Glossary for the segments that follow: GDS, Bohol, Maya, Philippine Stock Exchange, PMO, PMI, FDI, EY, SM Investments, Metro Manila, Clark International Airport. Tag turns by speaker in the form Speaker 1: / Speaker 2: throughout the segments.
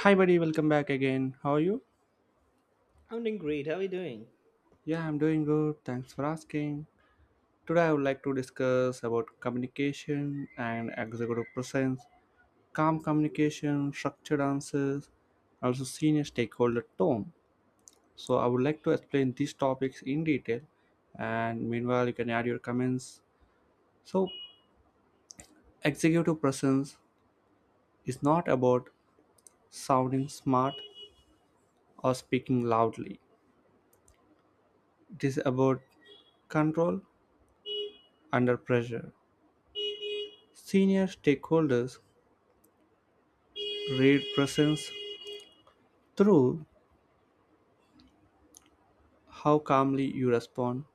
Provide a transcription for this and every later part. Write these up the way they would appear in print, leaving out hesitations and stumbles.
Speaker 1: Hi, buddy, welcome back again. How are you?
Speaker 2: I'm doing great. How are you doing?
Speaker 1: Yeah, I'm doing good. Thanks for asking. Today, I would like to discuss about communication and executive presence, calm communication, structured answers, also senior stakeholder tone. So, I would like to explain these topics in detail, and meanwhile, you can add your comments. So, executive presence is not about sounding smart or speaking loudly, it is about control under pressure. Senior stakeholders read presence through how calmly you respond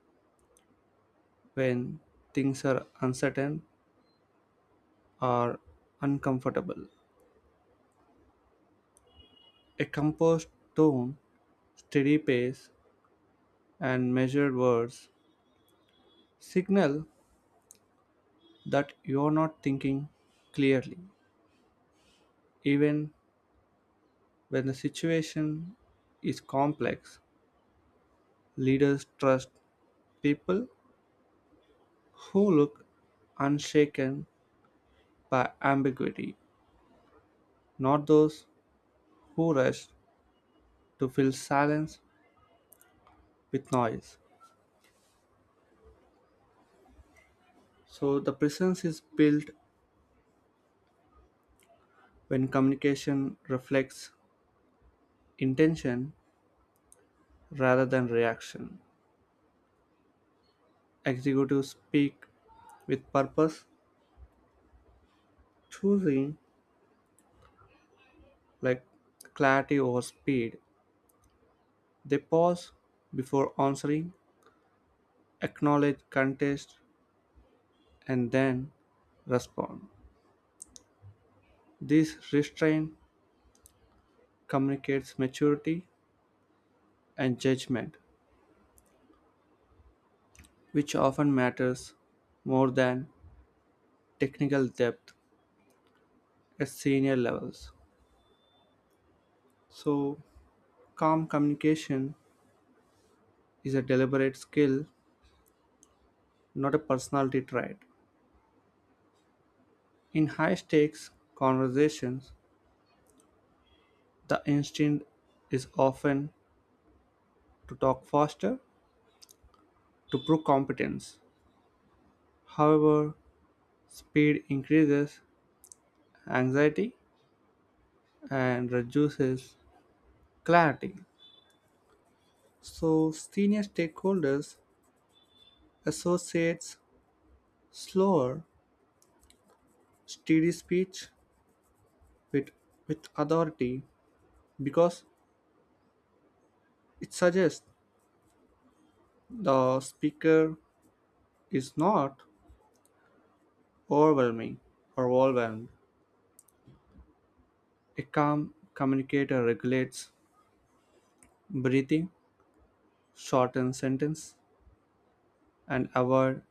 Speaker 1: when things are uncertain or uncomfortable. A composed tone, steady pace, and measured words signal that you are not thinking clearly. Even when the situation is complex, leaders trust people who look unshaken by ambiguity, not those who rush to fill silence with noise. So the presence is built when communication reflects intention rather than reaction. Executives speak with purpose, choosing like clarity over speed. They pause before answering, acknowledge contest, and then respond. This restraint communicates maturity and judgment, which often matters more than technical depth at senior levels. So, calm communication is a deliberate skill, not a personality trait. In high stakes conversations, the instinct is often to talk faster to prove competence. However, speed increases anxiety and reduces clarity. So, senior stakeholders associates slower, steady speech with, with authority because it suggests the speaker is not overwhelming or overwhelmed. A calm communicator regulates breathing, shortens sentence, and avoid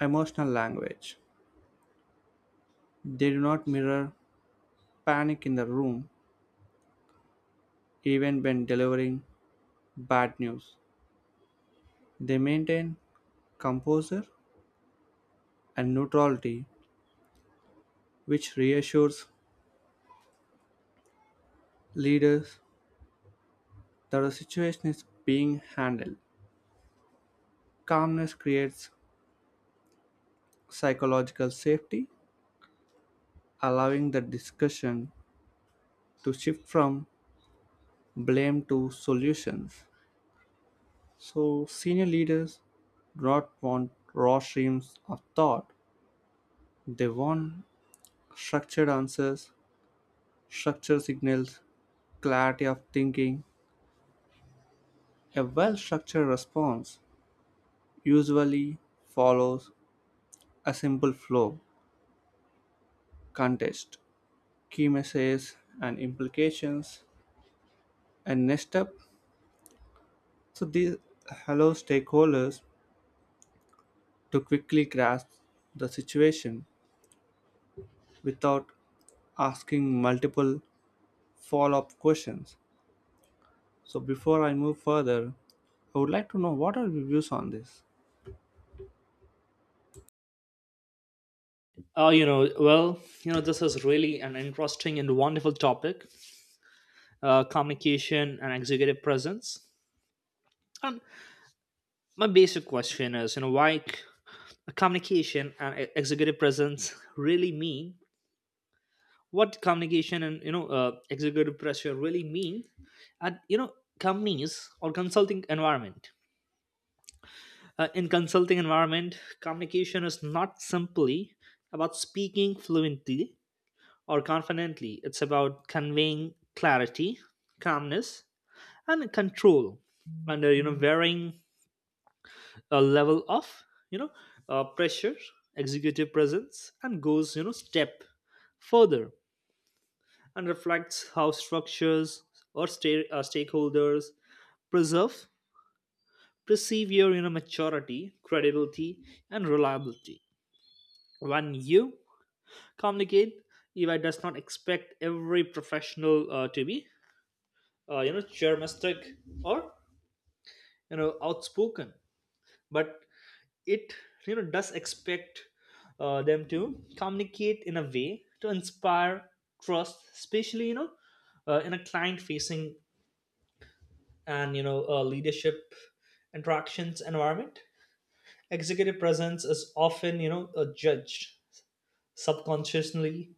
Speaker 1: emotional language. They do not mirror panic in the room even when delivering bad news. They maintain composure and neutrality, which reassures leaders that the situation is being handled. Calmness creates psychological safety, allowing the discussion to shift from blame to solutions. So, senior leaders do not want raw streams of thought, they want structured answers, structured signals, clarity of thinking. A well structured response usually follows a simple flow, context, key messages, and implications. And next up, so these allow stakeholders to quickly grasp the situation without asking multiple follow up questions. So, before I move further, I would like to know what are your views on this?
Speaker 2: This is really an interesting and wonderful topic, communication and executive presence. And my basic question is, communication and executive presence really mean? What communication and executive pressure really mean at companies or consulting environment? In consulting environment, communication is not simply about speaking fluently or confidently. It's about conveying clarity, calmness, and control under varying a level of you know pressure, executive presence, and goes step further and reflects how stakeholders preserve perceive your maturity, credibility, and reliability when you communicate. Eva does not expect every professional to be charmistic or outspoken, but it does expect them to communicate in a way to inspire trust, especially in a client facing and leadership interactions environment. Executive presence is often judged subconsciously.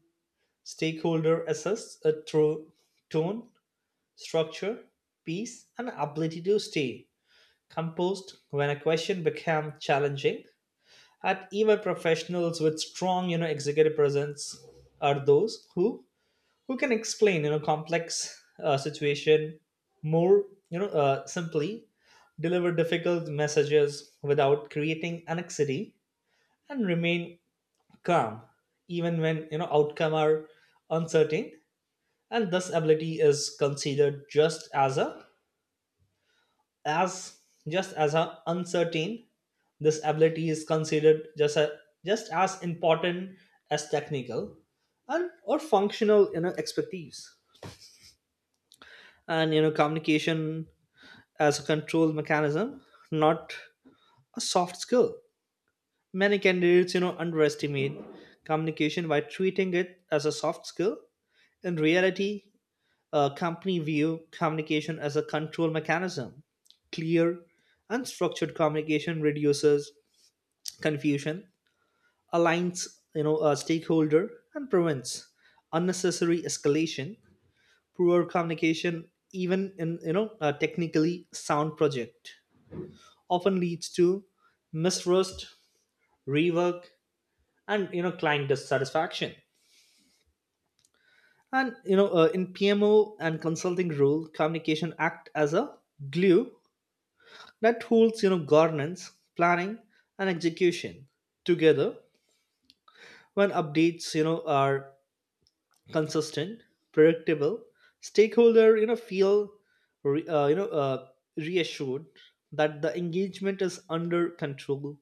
Speaker 2: Stakeholder assess through tone, structure, peace, and ability to stay composed when a question became challenging. And even professionals with strong executive presence are those who can explain complex situation more simply, deliver difficult messages without creating anxiety, and remain calm even when outcome are uncertain. And this ability is considered as just as a uncertain this ability is considered just as important as technical and or functional expertise. And communication as a control mechanism, not a soft skill. Many candidates underestimate communication by treating it as a soft skill. In reality, a company view communication as a control mechanism. Clear and structured communication reduces confusion, aligns a stakeholder, and prevents unnecessary escalation. Poor communication, even in a technically sound project, often leads to mistrust, rework, and client dissatisfaction. And in PMO and consulting role, communication act as a glue that holds governance, planning, and execution together. When updates are consistent, predictable, stakeholder feel re- uh, you know uh, reassured that the engagement is under control.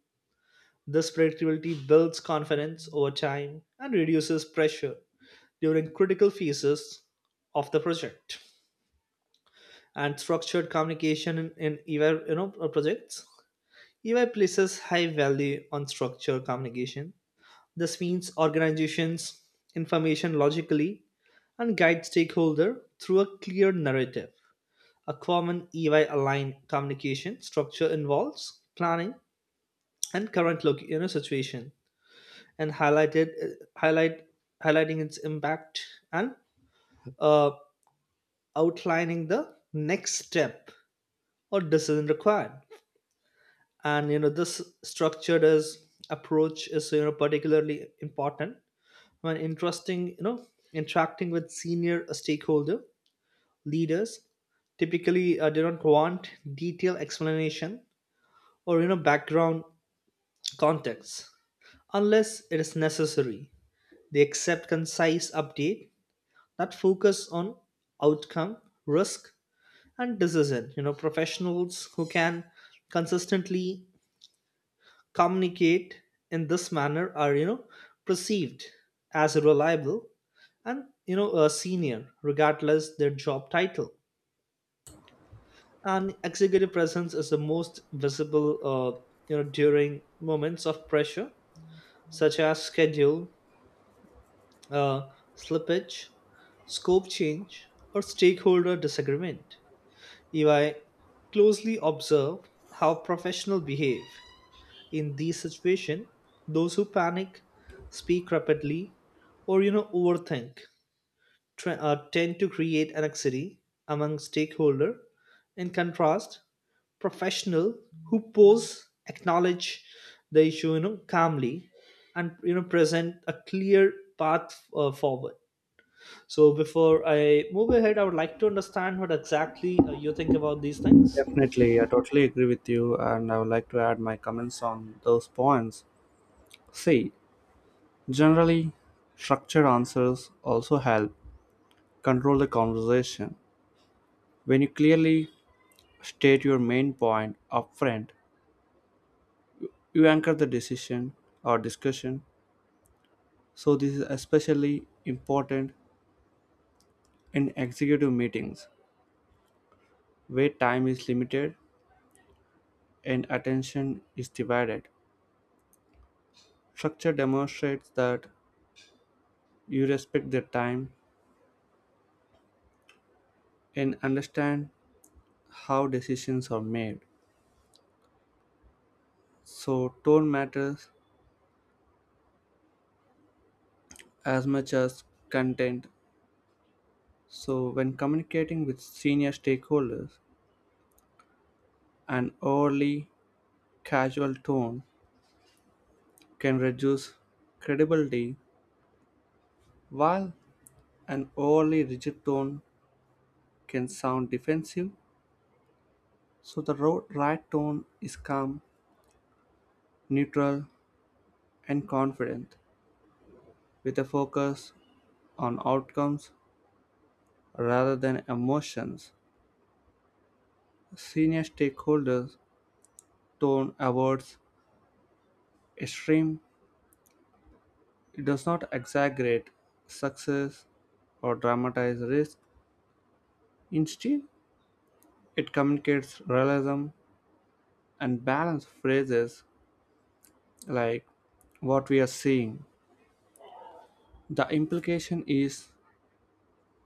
Speaker 2: This predictability builds confidence over time and reduces pressure during critical phases of the project. And structured communication in EY projects. EY places high value on structured communication. This means organizations information logically and guide stakeholder through a clear narrative. A common EY aligned communication structure involves planning and current loc- you know, situation and highlighted highlight highlighting its impact and uh, outlining the next step or decision required. And this structured as approach is particularly important, an interesting interacting with senior stakeholder. Leaders typically do not want detailed explanation or background context unless it is necessary. They accept concise update that focus on outcome, risk, and decision. Professionals who can consistently communicate in this manner are perceived as reliable and a senior regardless their job title. And executive presence is the most visible during moments of pressure such as schedule uh, slippage, scope change, or stakeholder disagreement. If I closely observe how professionals behave in these situations, those who panic, speak rapidly, or overthink tend to create anxiety among stakeholder. In contrast, professional who pose, acknowledge the issue calmly, and present a clear path forward. So before I move ahead, I would like to understand what exactly you think about these things.
Speaker 1: Definitely, I totally agree with you, and I would like to add my comments on those points. See, generally, structured answers also help control the conversation. When you clearly state your main point upfront, you anchor the decision or discussion. So, this is especially important in executive meetings, where time is limited and attention is divided, structure demonstrates that you respect their time and understand how decisions are made. So, tone matters as much as content. So, when communicating with senior stakeholders, an overly casual tone can reduce credibility, while an overly rigid tone can sound defensive. So the right tone is calm, neutral, and confident, with a focus on outcomes rather than emotions. Senior stakeholders' tone avoids extreme. It does not exaggerate success or dramatize risk. Instead, it communicates realism and balance phrases like what we are seeing. The implication is,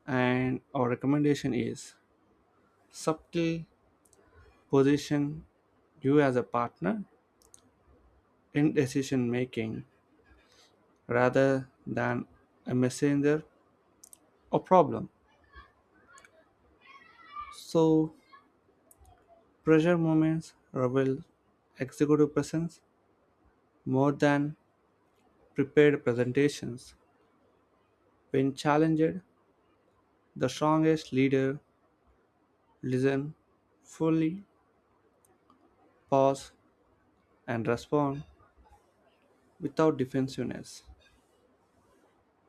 Speaker 1: and our recommendation is, subtle position you as a partner in decision making rather than a messenger or problem. So, pressure moments reveal executive presence more than prepared presentations. When challenged, the strongest leader listen fully, pause, and respond without defensiveness.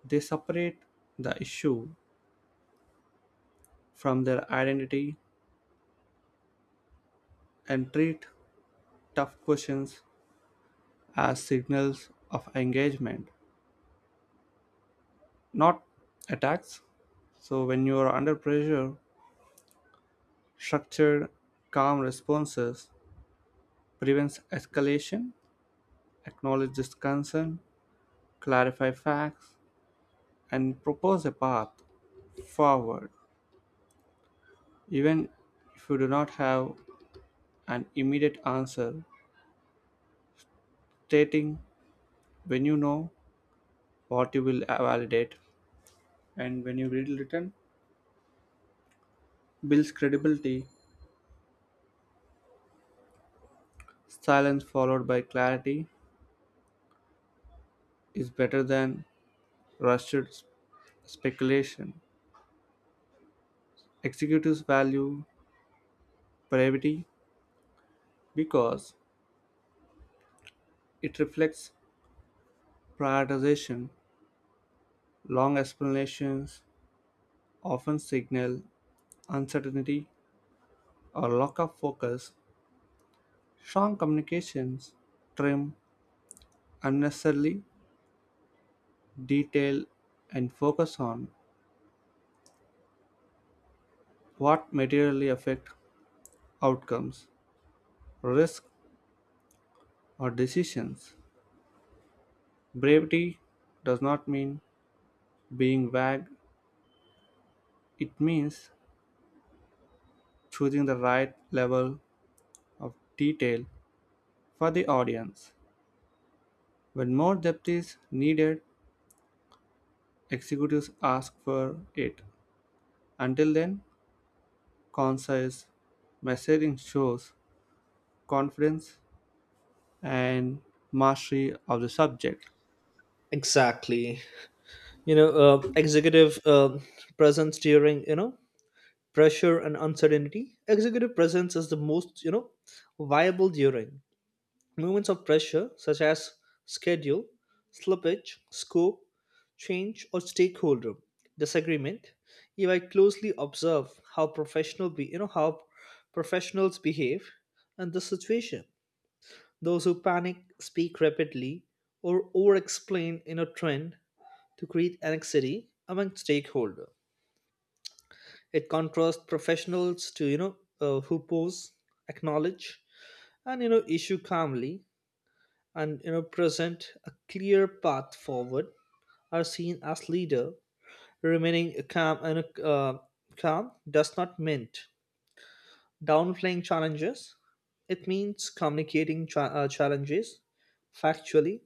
Speaker 1: They separate the issue from their identity and treat tough questions as signals of engagement, not attacks. So when you are under pressure, structured, calm responses prevents escalation, acknowledges concern, clarify facts, and propose a path forward. Even if you do not have an immediate answer, stating when you know what you will validate and when you read written builds credibility. Silence followed by clarity is better than rushed speculation. Executives value brevity because it reflects prioritization. Long explanations often signal uncertainty or lack of focus. Strong communications trim unnecessarily detail and focus on what materially affect outcomes, risk, or decisions. Brevity does not mean being vague, it means choosing the right level of detail for the audience. When more depth is needed, executives ask for it. Until then, concise messaging shows confidence and mastery of the subject.
Speaker 2: Exactly, executive presence during pressure and uncertainty. Executive presence is the most viable during moments of pressure such as schedule slippage, scope change, or stakeholder disagreement. If I closely observe how professional be you know how professionals behave in this situation, those who panic, speak rapidly, or over explain in a trend to create anxiety among stakeholders. It contrasts professionals to who pose, acknowledge, and issue calmly, and present a clear path forward. Are seen as leader, remaining calm. And calm does not mean downplaying challenges. It means communicating challenges factually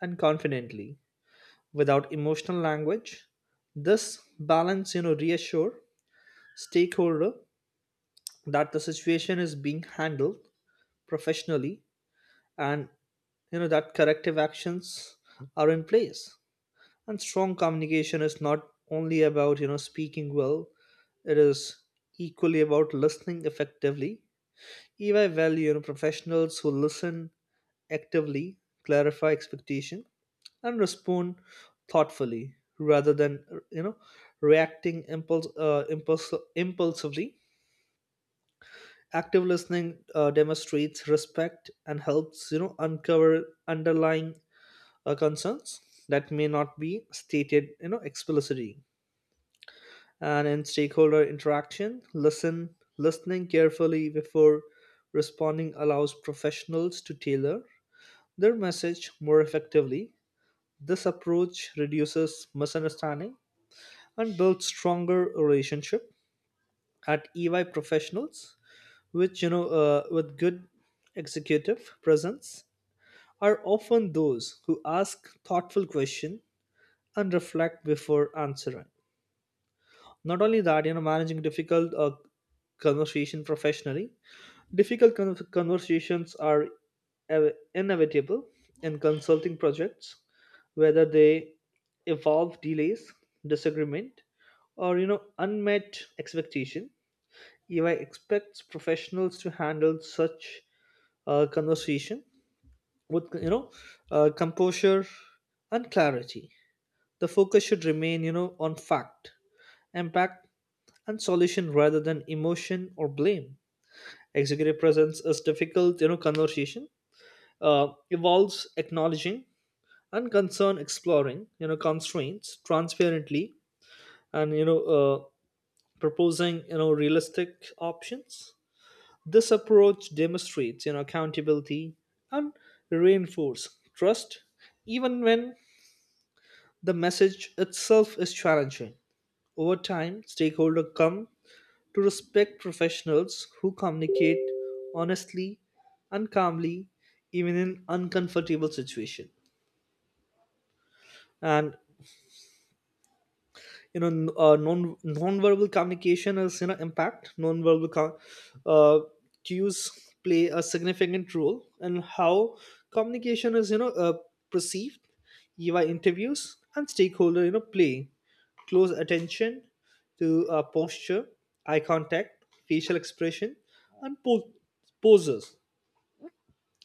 Speaker 2: and confidently without emotional language. This balance, reassure stakeholder that the situation is being handled professionally and that corrective actions are in place. And strong communication is not only about speaking well, it is equally about listening effectively. If value professionals who listen actively, clarify expectation, and respond thoughtfully rather than you know reacting impulse impulse impulsively. Active listening demonstrates respect and helps uncover underlying concerns that may not be stated explicitly. And in stakeholder interaction, listening carefully before responding allows professionals to tailor their message more effectively. This approach reduces misunderstanding and builds stronger relationship. At EY, professionals which with good executive presence are often those who ask thoughtful questions and reflect before answering. Not only that, managing difficult conversation professionally. Conversations are inevitable in consulting projects, whether they involve delays, disagreement, or unmet expectation. EY expects professionals to handle such conversation with composure and clarity. The focus should remain on fact, impact, and solution rather than emotion or blame. Executive presence is difficult conversation evolves acknowledging and concern, exploring constraints transparently and proposing realistic options. This approach demonstrates accountability and reinforce trust even when the message itself is challenging. Over time, stakeholders come to respect professionals who communicate honestly and calmly even in uncomfortable situations. And non-verbal communication is impact. Uh, Cues play a significant role in how communication is perceived. Via interviews and stakeholder play close attention to posture, eye contact, facial expression, and poses.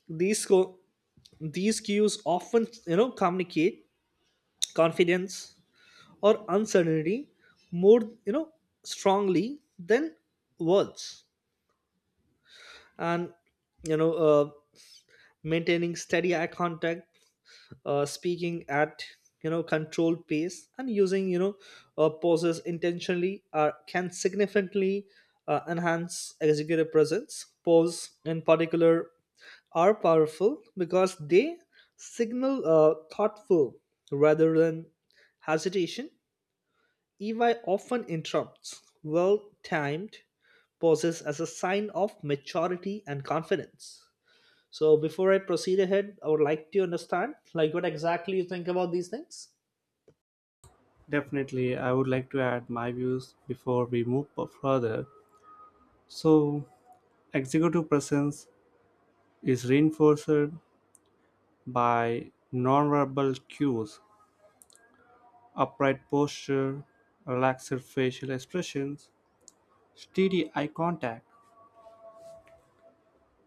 Speaker 2: these co- these cues often communicate confidence or uncertainty more strongly than words. And you know uh, maintaining steady eye contact, speaking at controlled pace, and using pauses intentionally can significantly enhance executive presence. Pause in particular are powerful because they signal thoughtful rather than hesitation. EY often interrupts well timed pauses as a sign of maturity and confidence. So, before I proceed ahead, I would like to understand like what exactly you think about these things.
Speaker 1: Definitely, I would like to add my views before we move further. So, executive presence is reinforced by nonverbal cues upright posture, relaxed facial expressions, steady eye contact,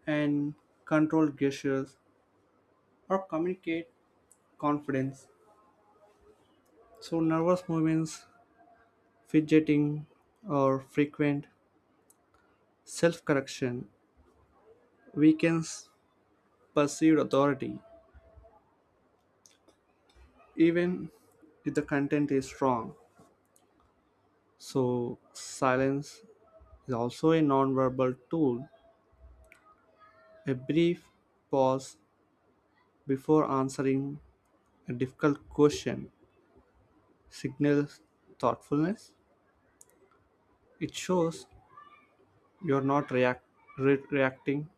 Speaker 1: and controlled gestures or communicate confidence. So, nervous movements, fidgeting, or frequent self correction weakens perceived authority, even if the content is wrong. So, silence is also a nonverbal tool. A brief pause before answering a difficult question signals thoughtfulness. It shows you're not react, re- reacting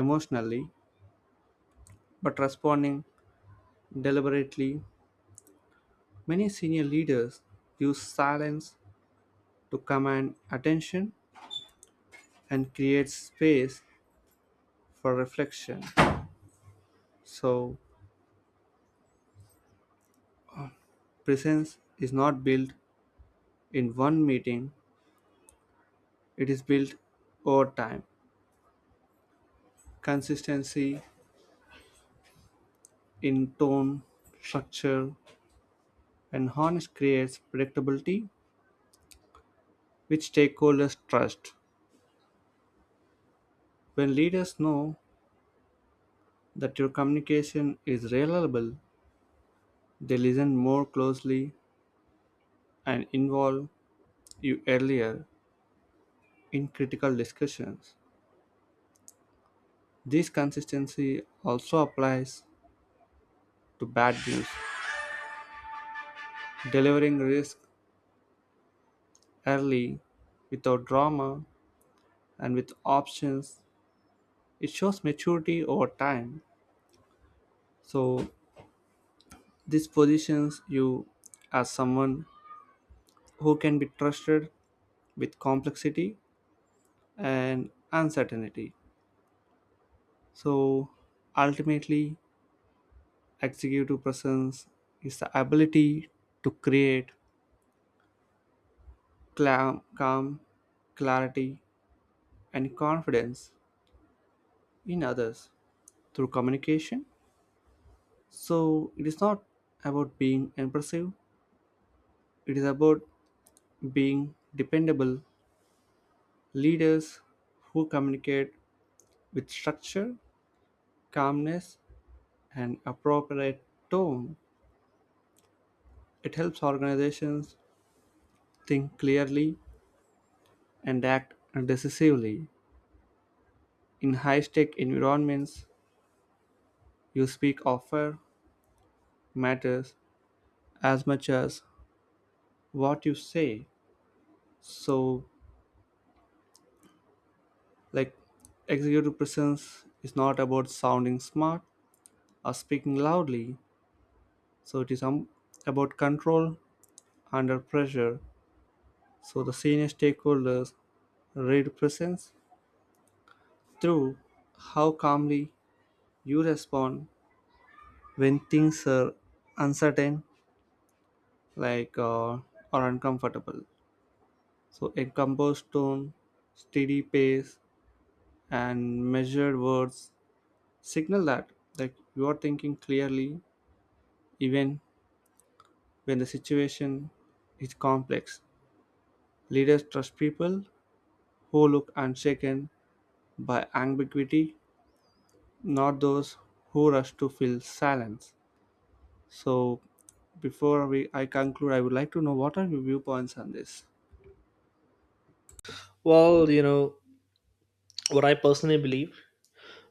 Speaker 1: emotionally but responding deliberately. Many senior leaders use silence to command attention and create space for reflection. So, presence is not built in one meeting, it is built over time. Consistency in tone, structure, and harness creates predictability which stakeholders trust. When leaders know that your communication is reliable, they listen more closely and involve you earlier in critical discussions. This consistency also applies to bad news. Delivering risk early without drama and with options, it shows maturity over time. So, this positions you as someone who can be trusted with complexity and uncertainty. So ultimately, executive presence is the ability to create calm, clarity, and confidence in others through communication. So it is not about being impressive, it is about being dependable leaders who communicate with structure, calmness, and appropriate tone. It helps organizations think clearly and act decisively. In high stake environments, you speak offer matters as much as what you say. So, like, executive presence is not about sounding smart or speaking loudly, so it is about control under pressure. So, the senior stakeholders read presence through how calmly you respond when things are uncertain like uh, or uncomfortable. So a composed tone, steady pace, and measured words signal that you are thinking clearly, even when the situation is complex. Leaders trust people who look unshaken by ambiguity, not those who rush to fill silence. So before we I conclude, I would like to know what are your viewpoints on this.
Speaker 2: Well, you know, what I personally believe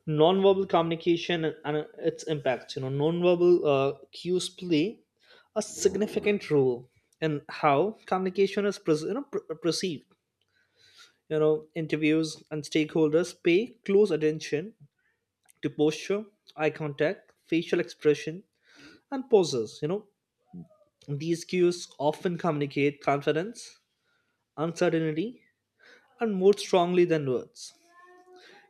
Speaker 2: nonverbal communication and its impacts, you know, nonverbal cues play a significant role in how communication is pres you know, pr- perceived. You know, interviews and stakeholders pay close attention to posture, eye contact, facial expression, and poses. You know, these cues often communicate confidence, uncertainty, and more strongly than words.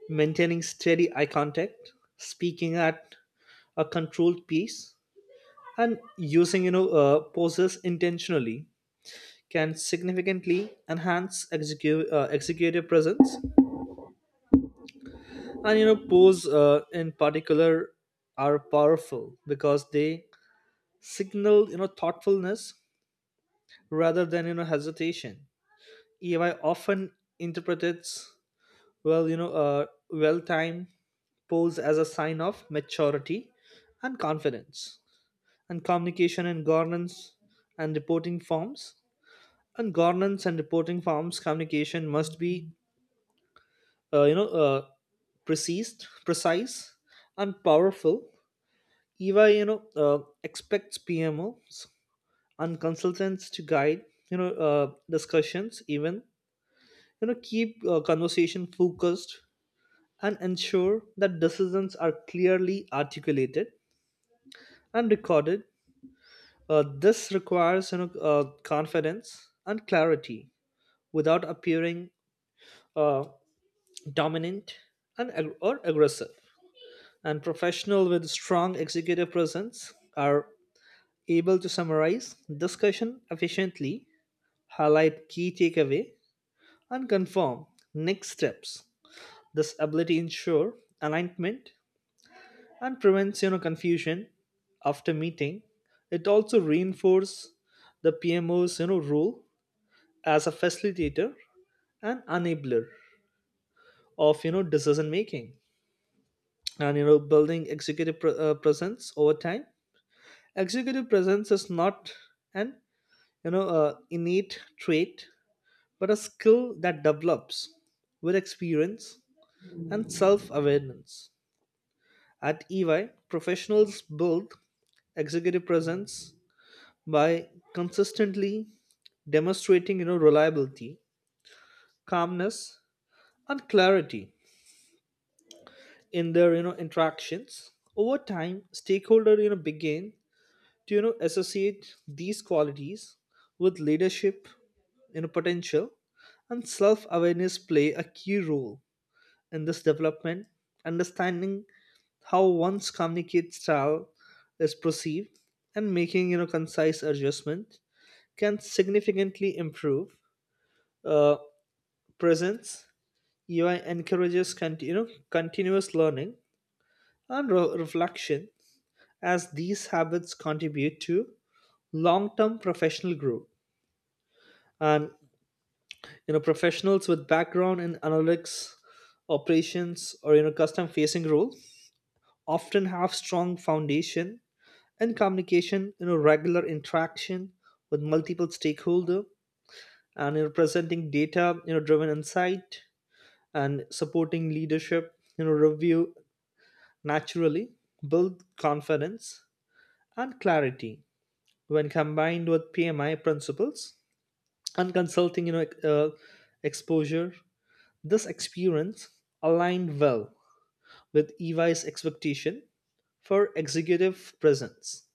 Speaker 2: Maintaining steady eye contact, speaking at a controlled pace, and using poses intentionally can significantly enhance executive presence. And you know, pose in particular are powerful because they signal thoughtfulness rather than hesitation. EY often interprets well-timed polls as a sign of maturity and confidence. And communication and governance and reporting forms. And governance and reporting forms communication must be, uh, you know, uh, precise, precise, and powerful. EY, expects PMOs and consultants to guide, discussions, even keep conversation focused and ensure that decisions are clearly articulated and recorded. This requires confidence and clarity without appearing uh, dominant or aggressive. And professional with strong executive presence are able to summarize discussion efficiently, highlight key takeaway, and confirm next steps. This ability ensure alignment and prevents confusion after meeting. It also reinforces the PMO's role as a facilitator and enabler of decision making. And building presence over time, executive presence is not an innate trait but a skill that develops with experience and self-awareness. At EY, professionals build executive presence by consistently demonstrating reliability, calmness, and clarity in their interactions. Over time, stakeholder begin to associate these qualities with leadership potential. And self-awareness play a key role in this development. Understanding how one's communicate style is perceived and making concise adjustment can significantly improve uh, presence. UI encourages continuous learning and reflection, as these habits contribute to long-term professional growth. And professionals with background in analytics, operations, or custom facing roles often have strong foundation in communication. Regular interaction with multiple stakeholder and presenting data driven insight and supporting leadership review naturally build confidence and clarity. When combined with PMI principles and consulting exposure, this experience aligned well with EY's expectation for executive presence.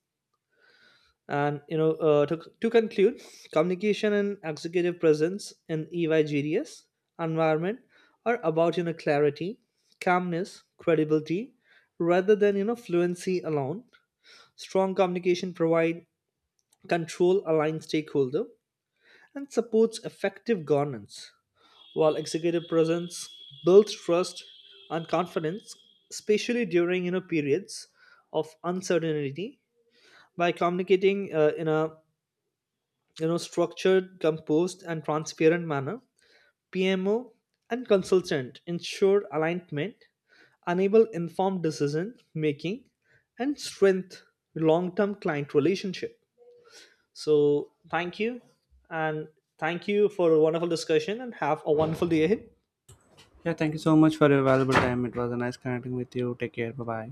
Speaker 2: And to conclude, communication and executive presence in EY GDS environment are about clarity, calmness, credibility, rather than fluency alone. Strong communication provides control, aligned stakeholder, and supports effective governance, while executive presence builds trust and confidence, especially during periods of uncertainty. By communicating in a structured, composed, and transparent manner, PMO and consultant ensure alignment, enable informed decision making, and strengthen long-term client relationship. So thank you, and thank you for a wonderful discussion, and have a wonderful day ahead.
Speaker 1: Yeah, thank you so much for your valuable time. It was a nice connecting with you. Take care. Bye bye.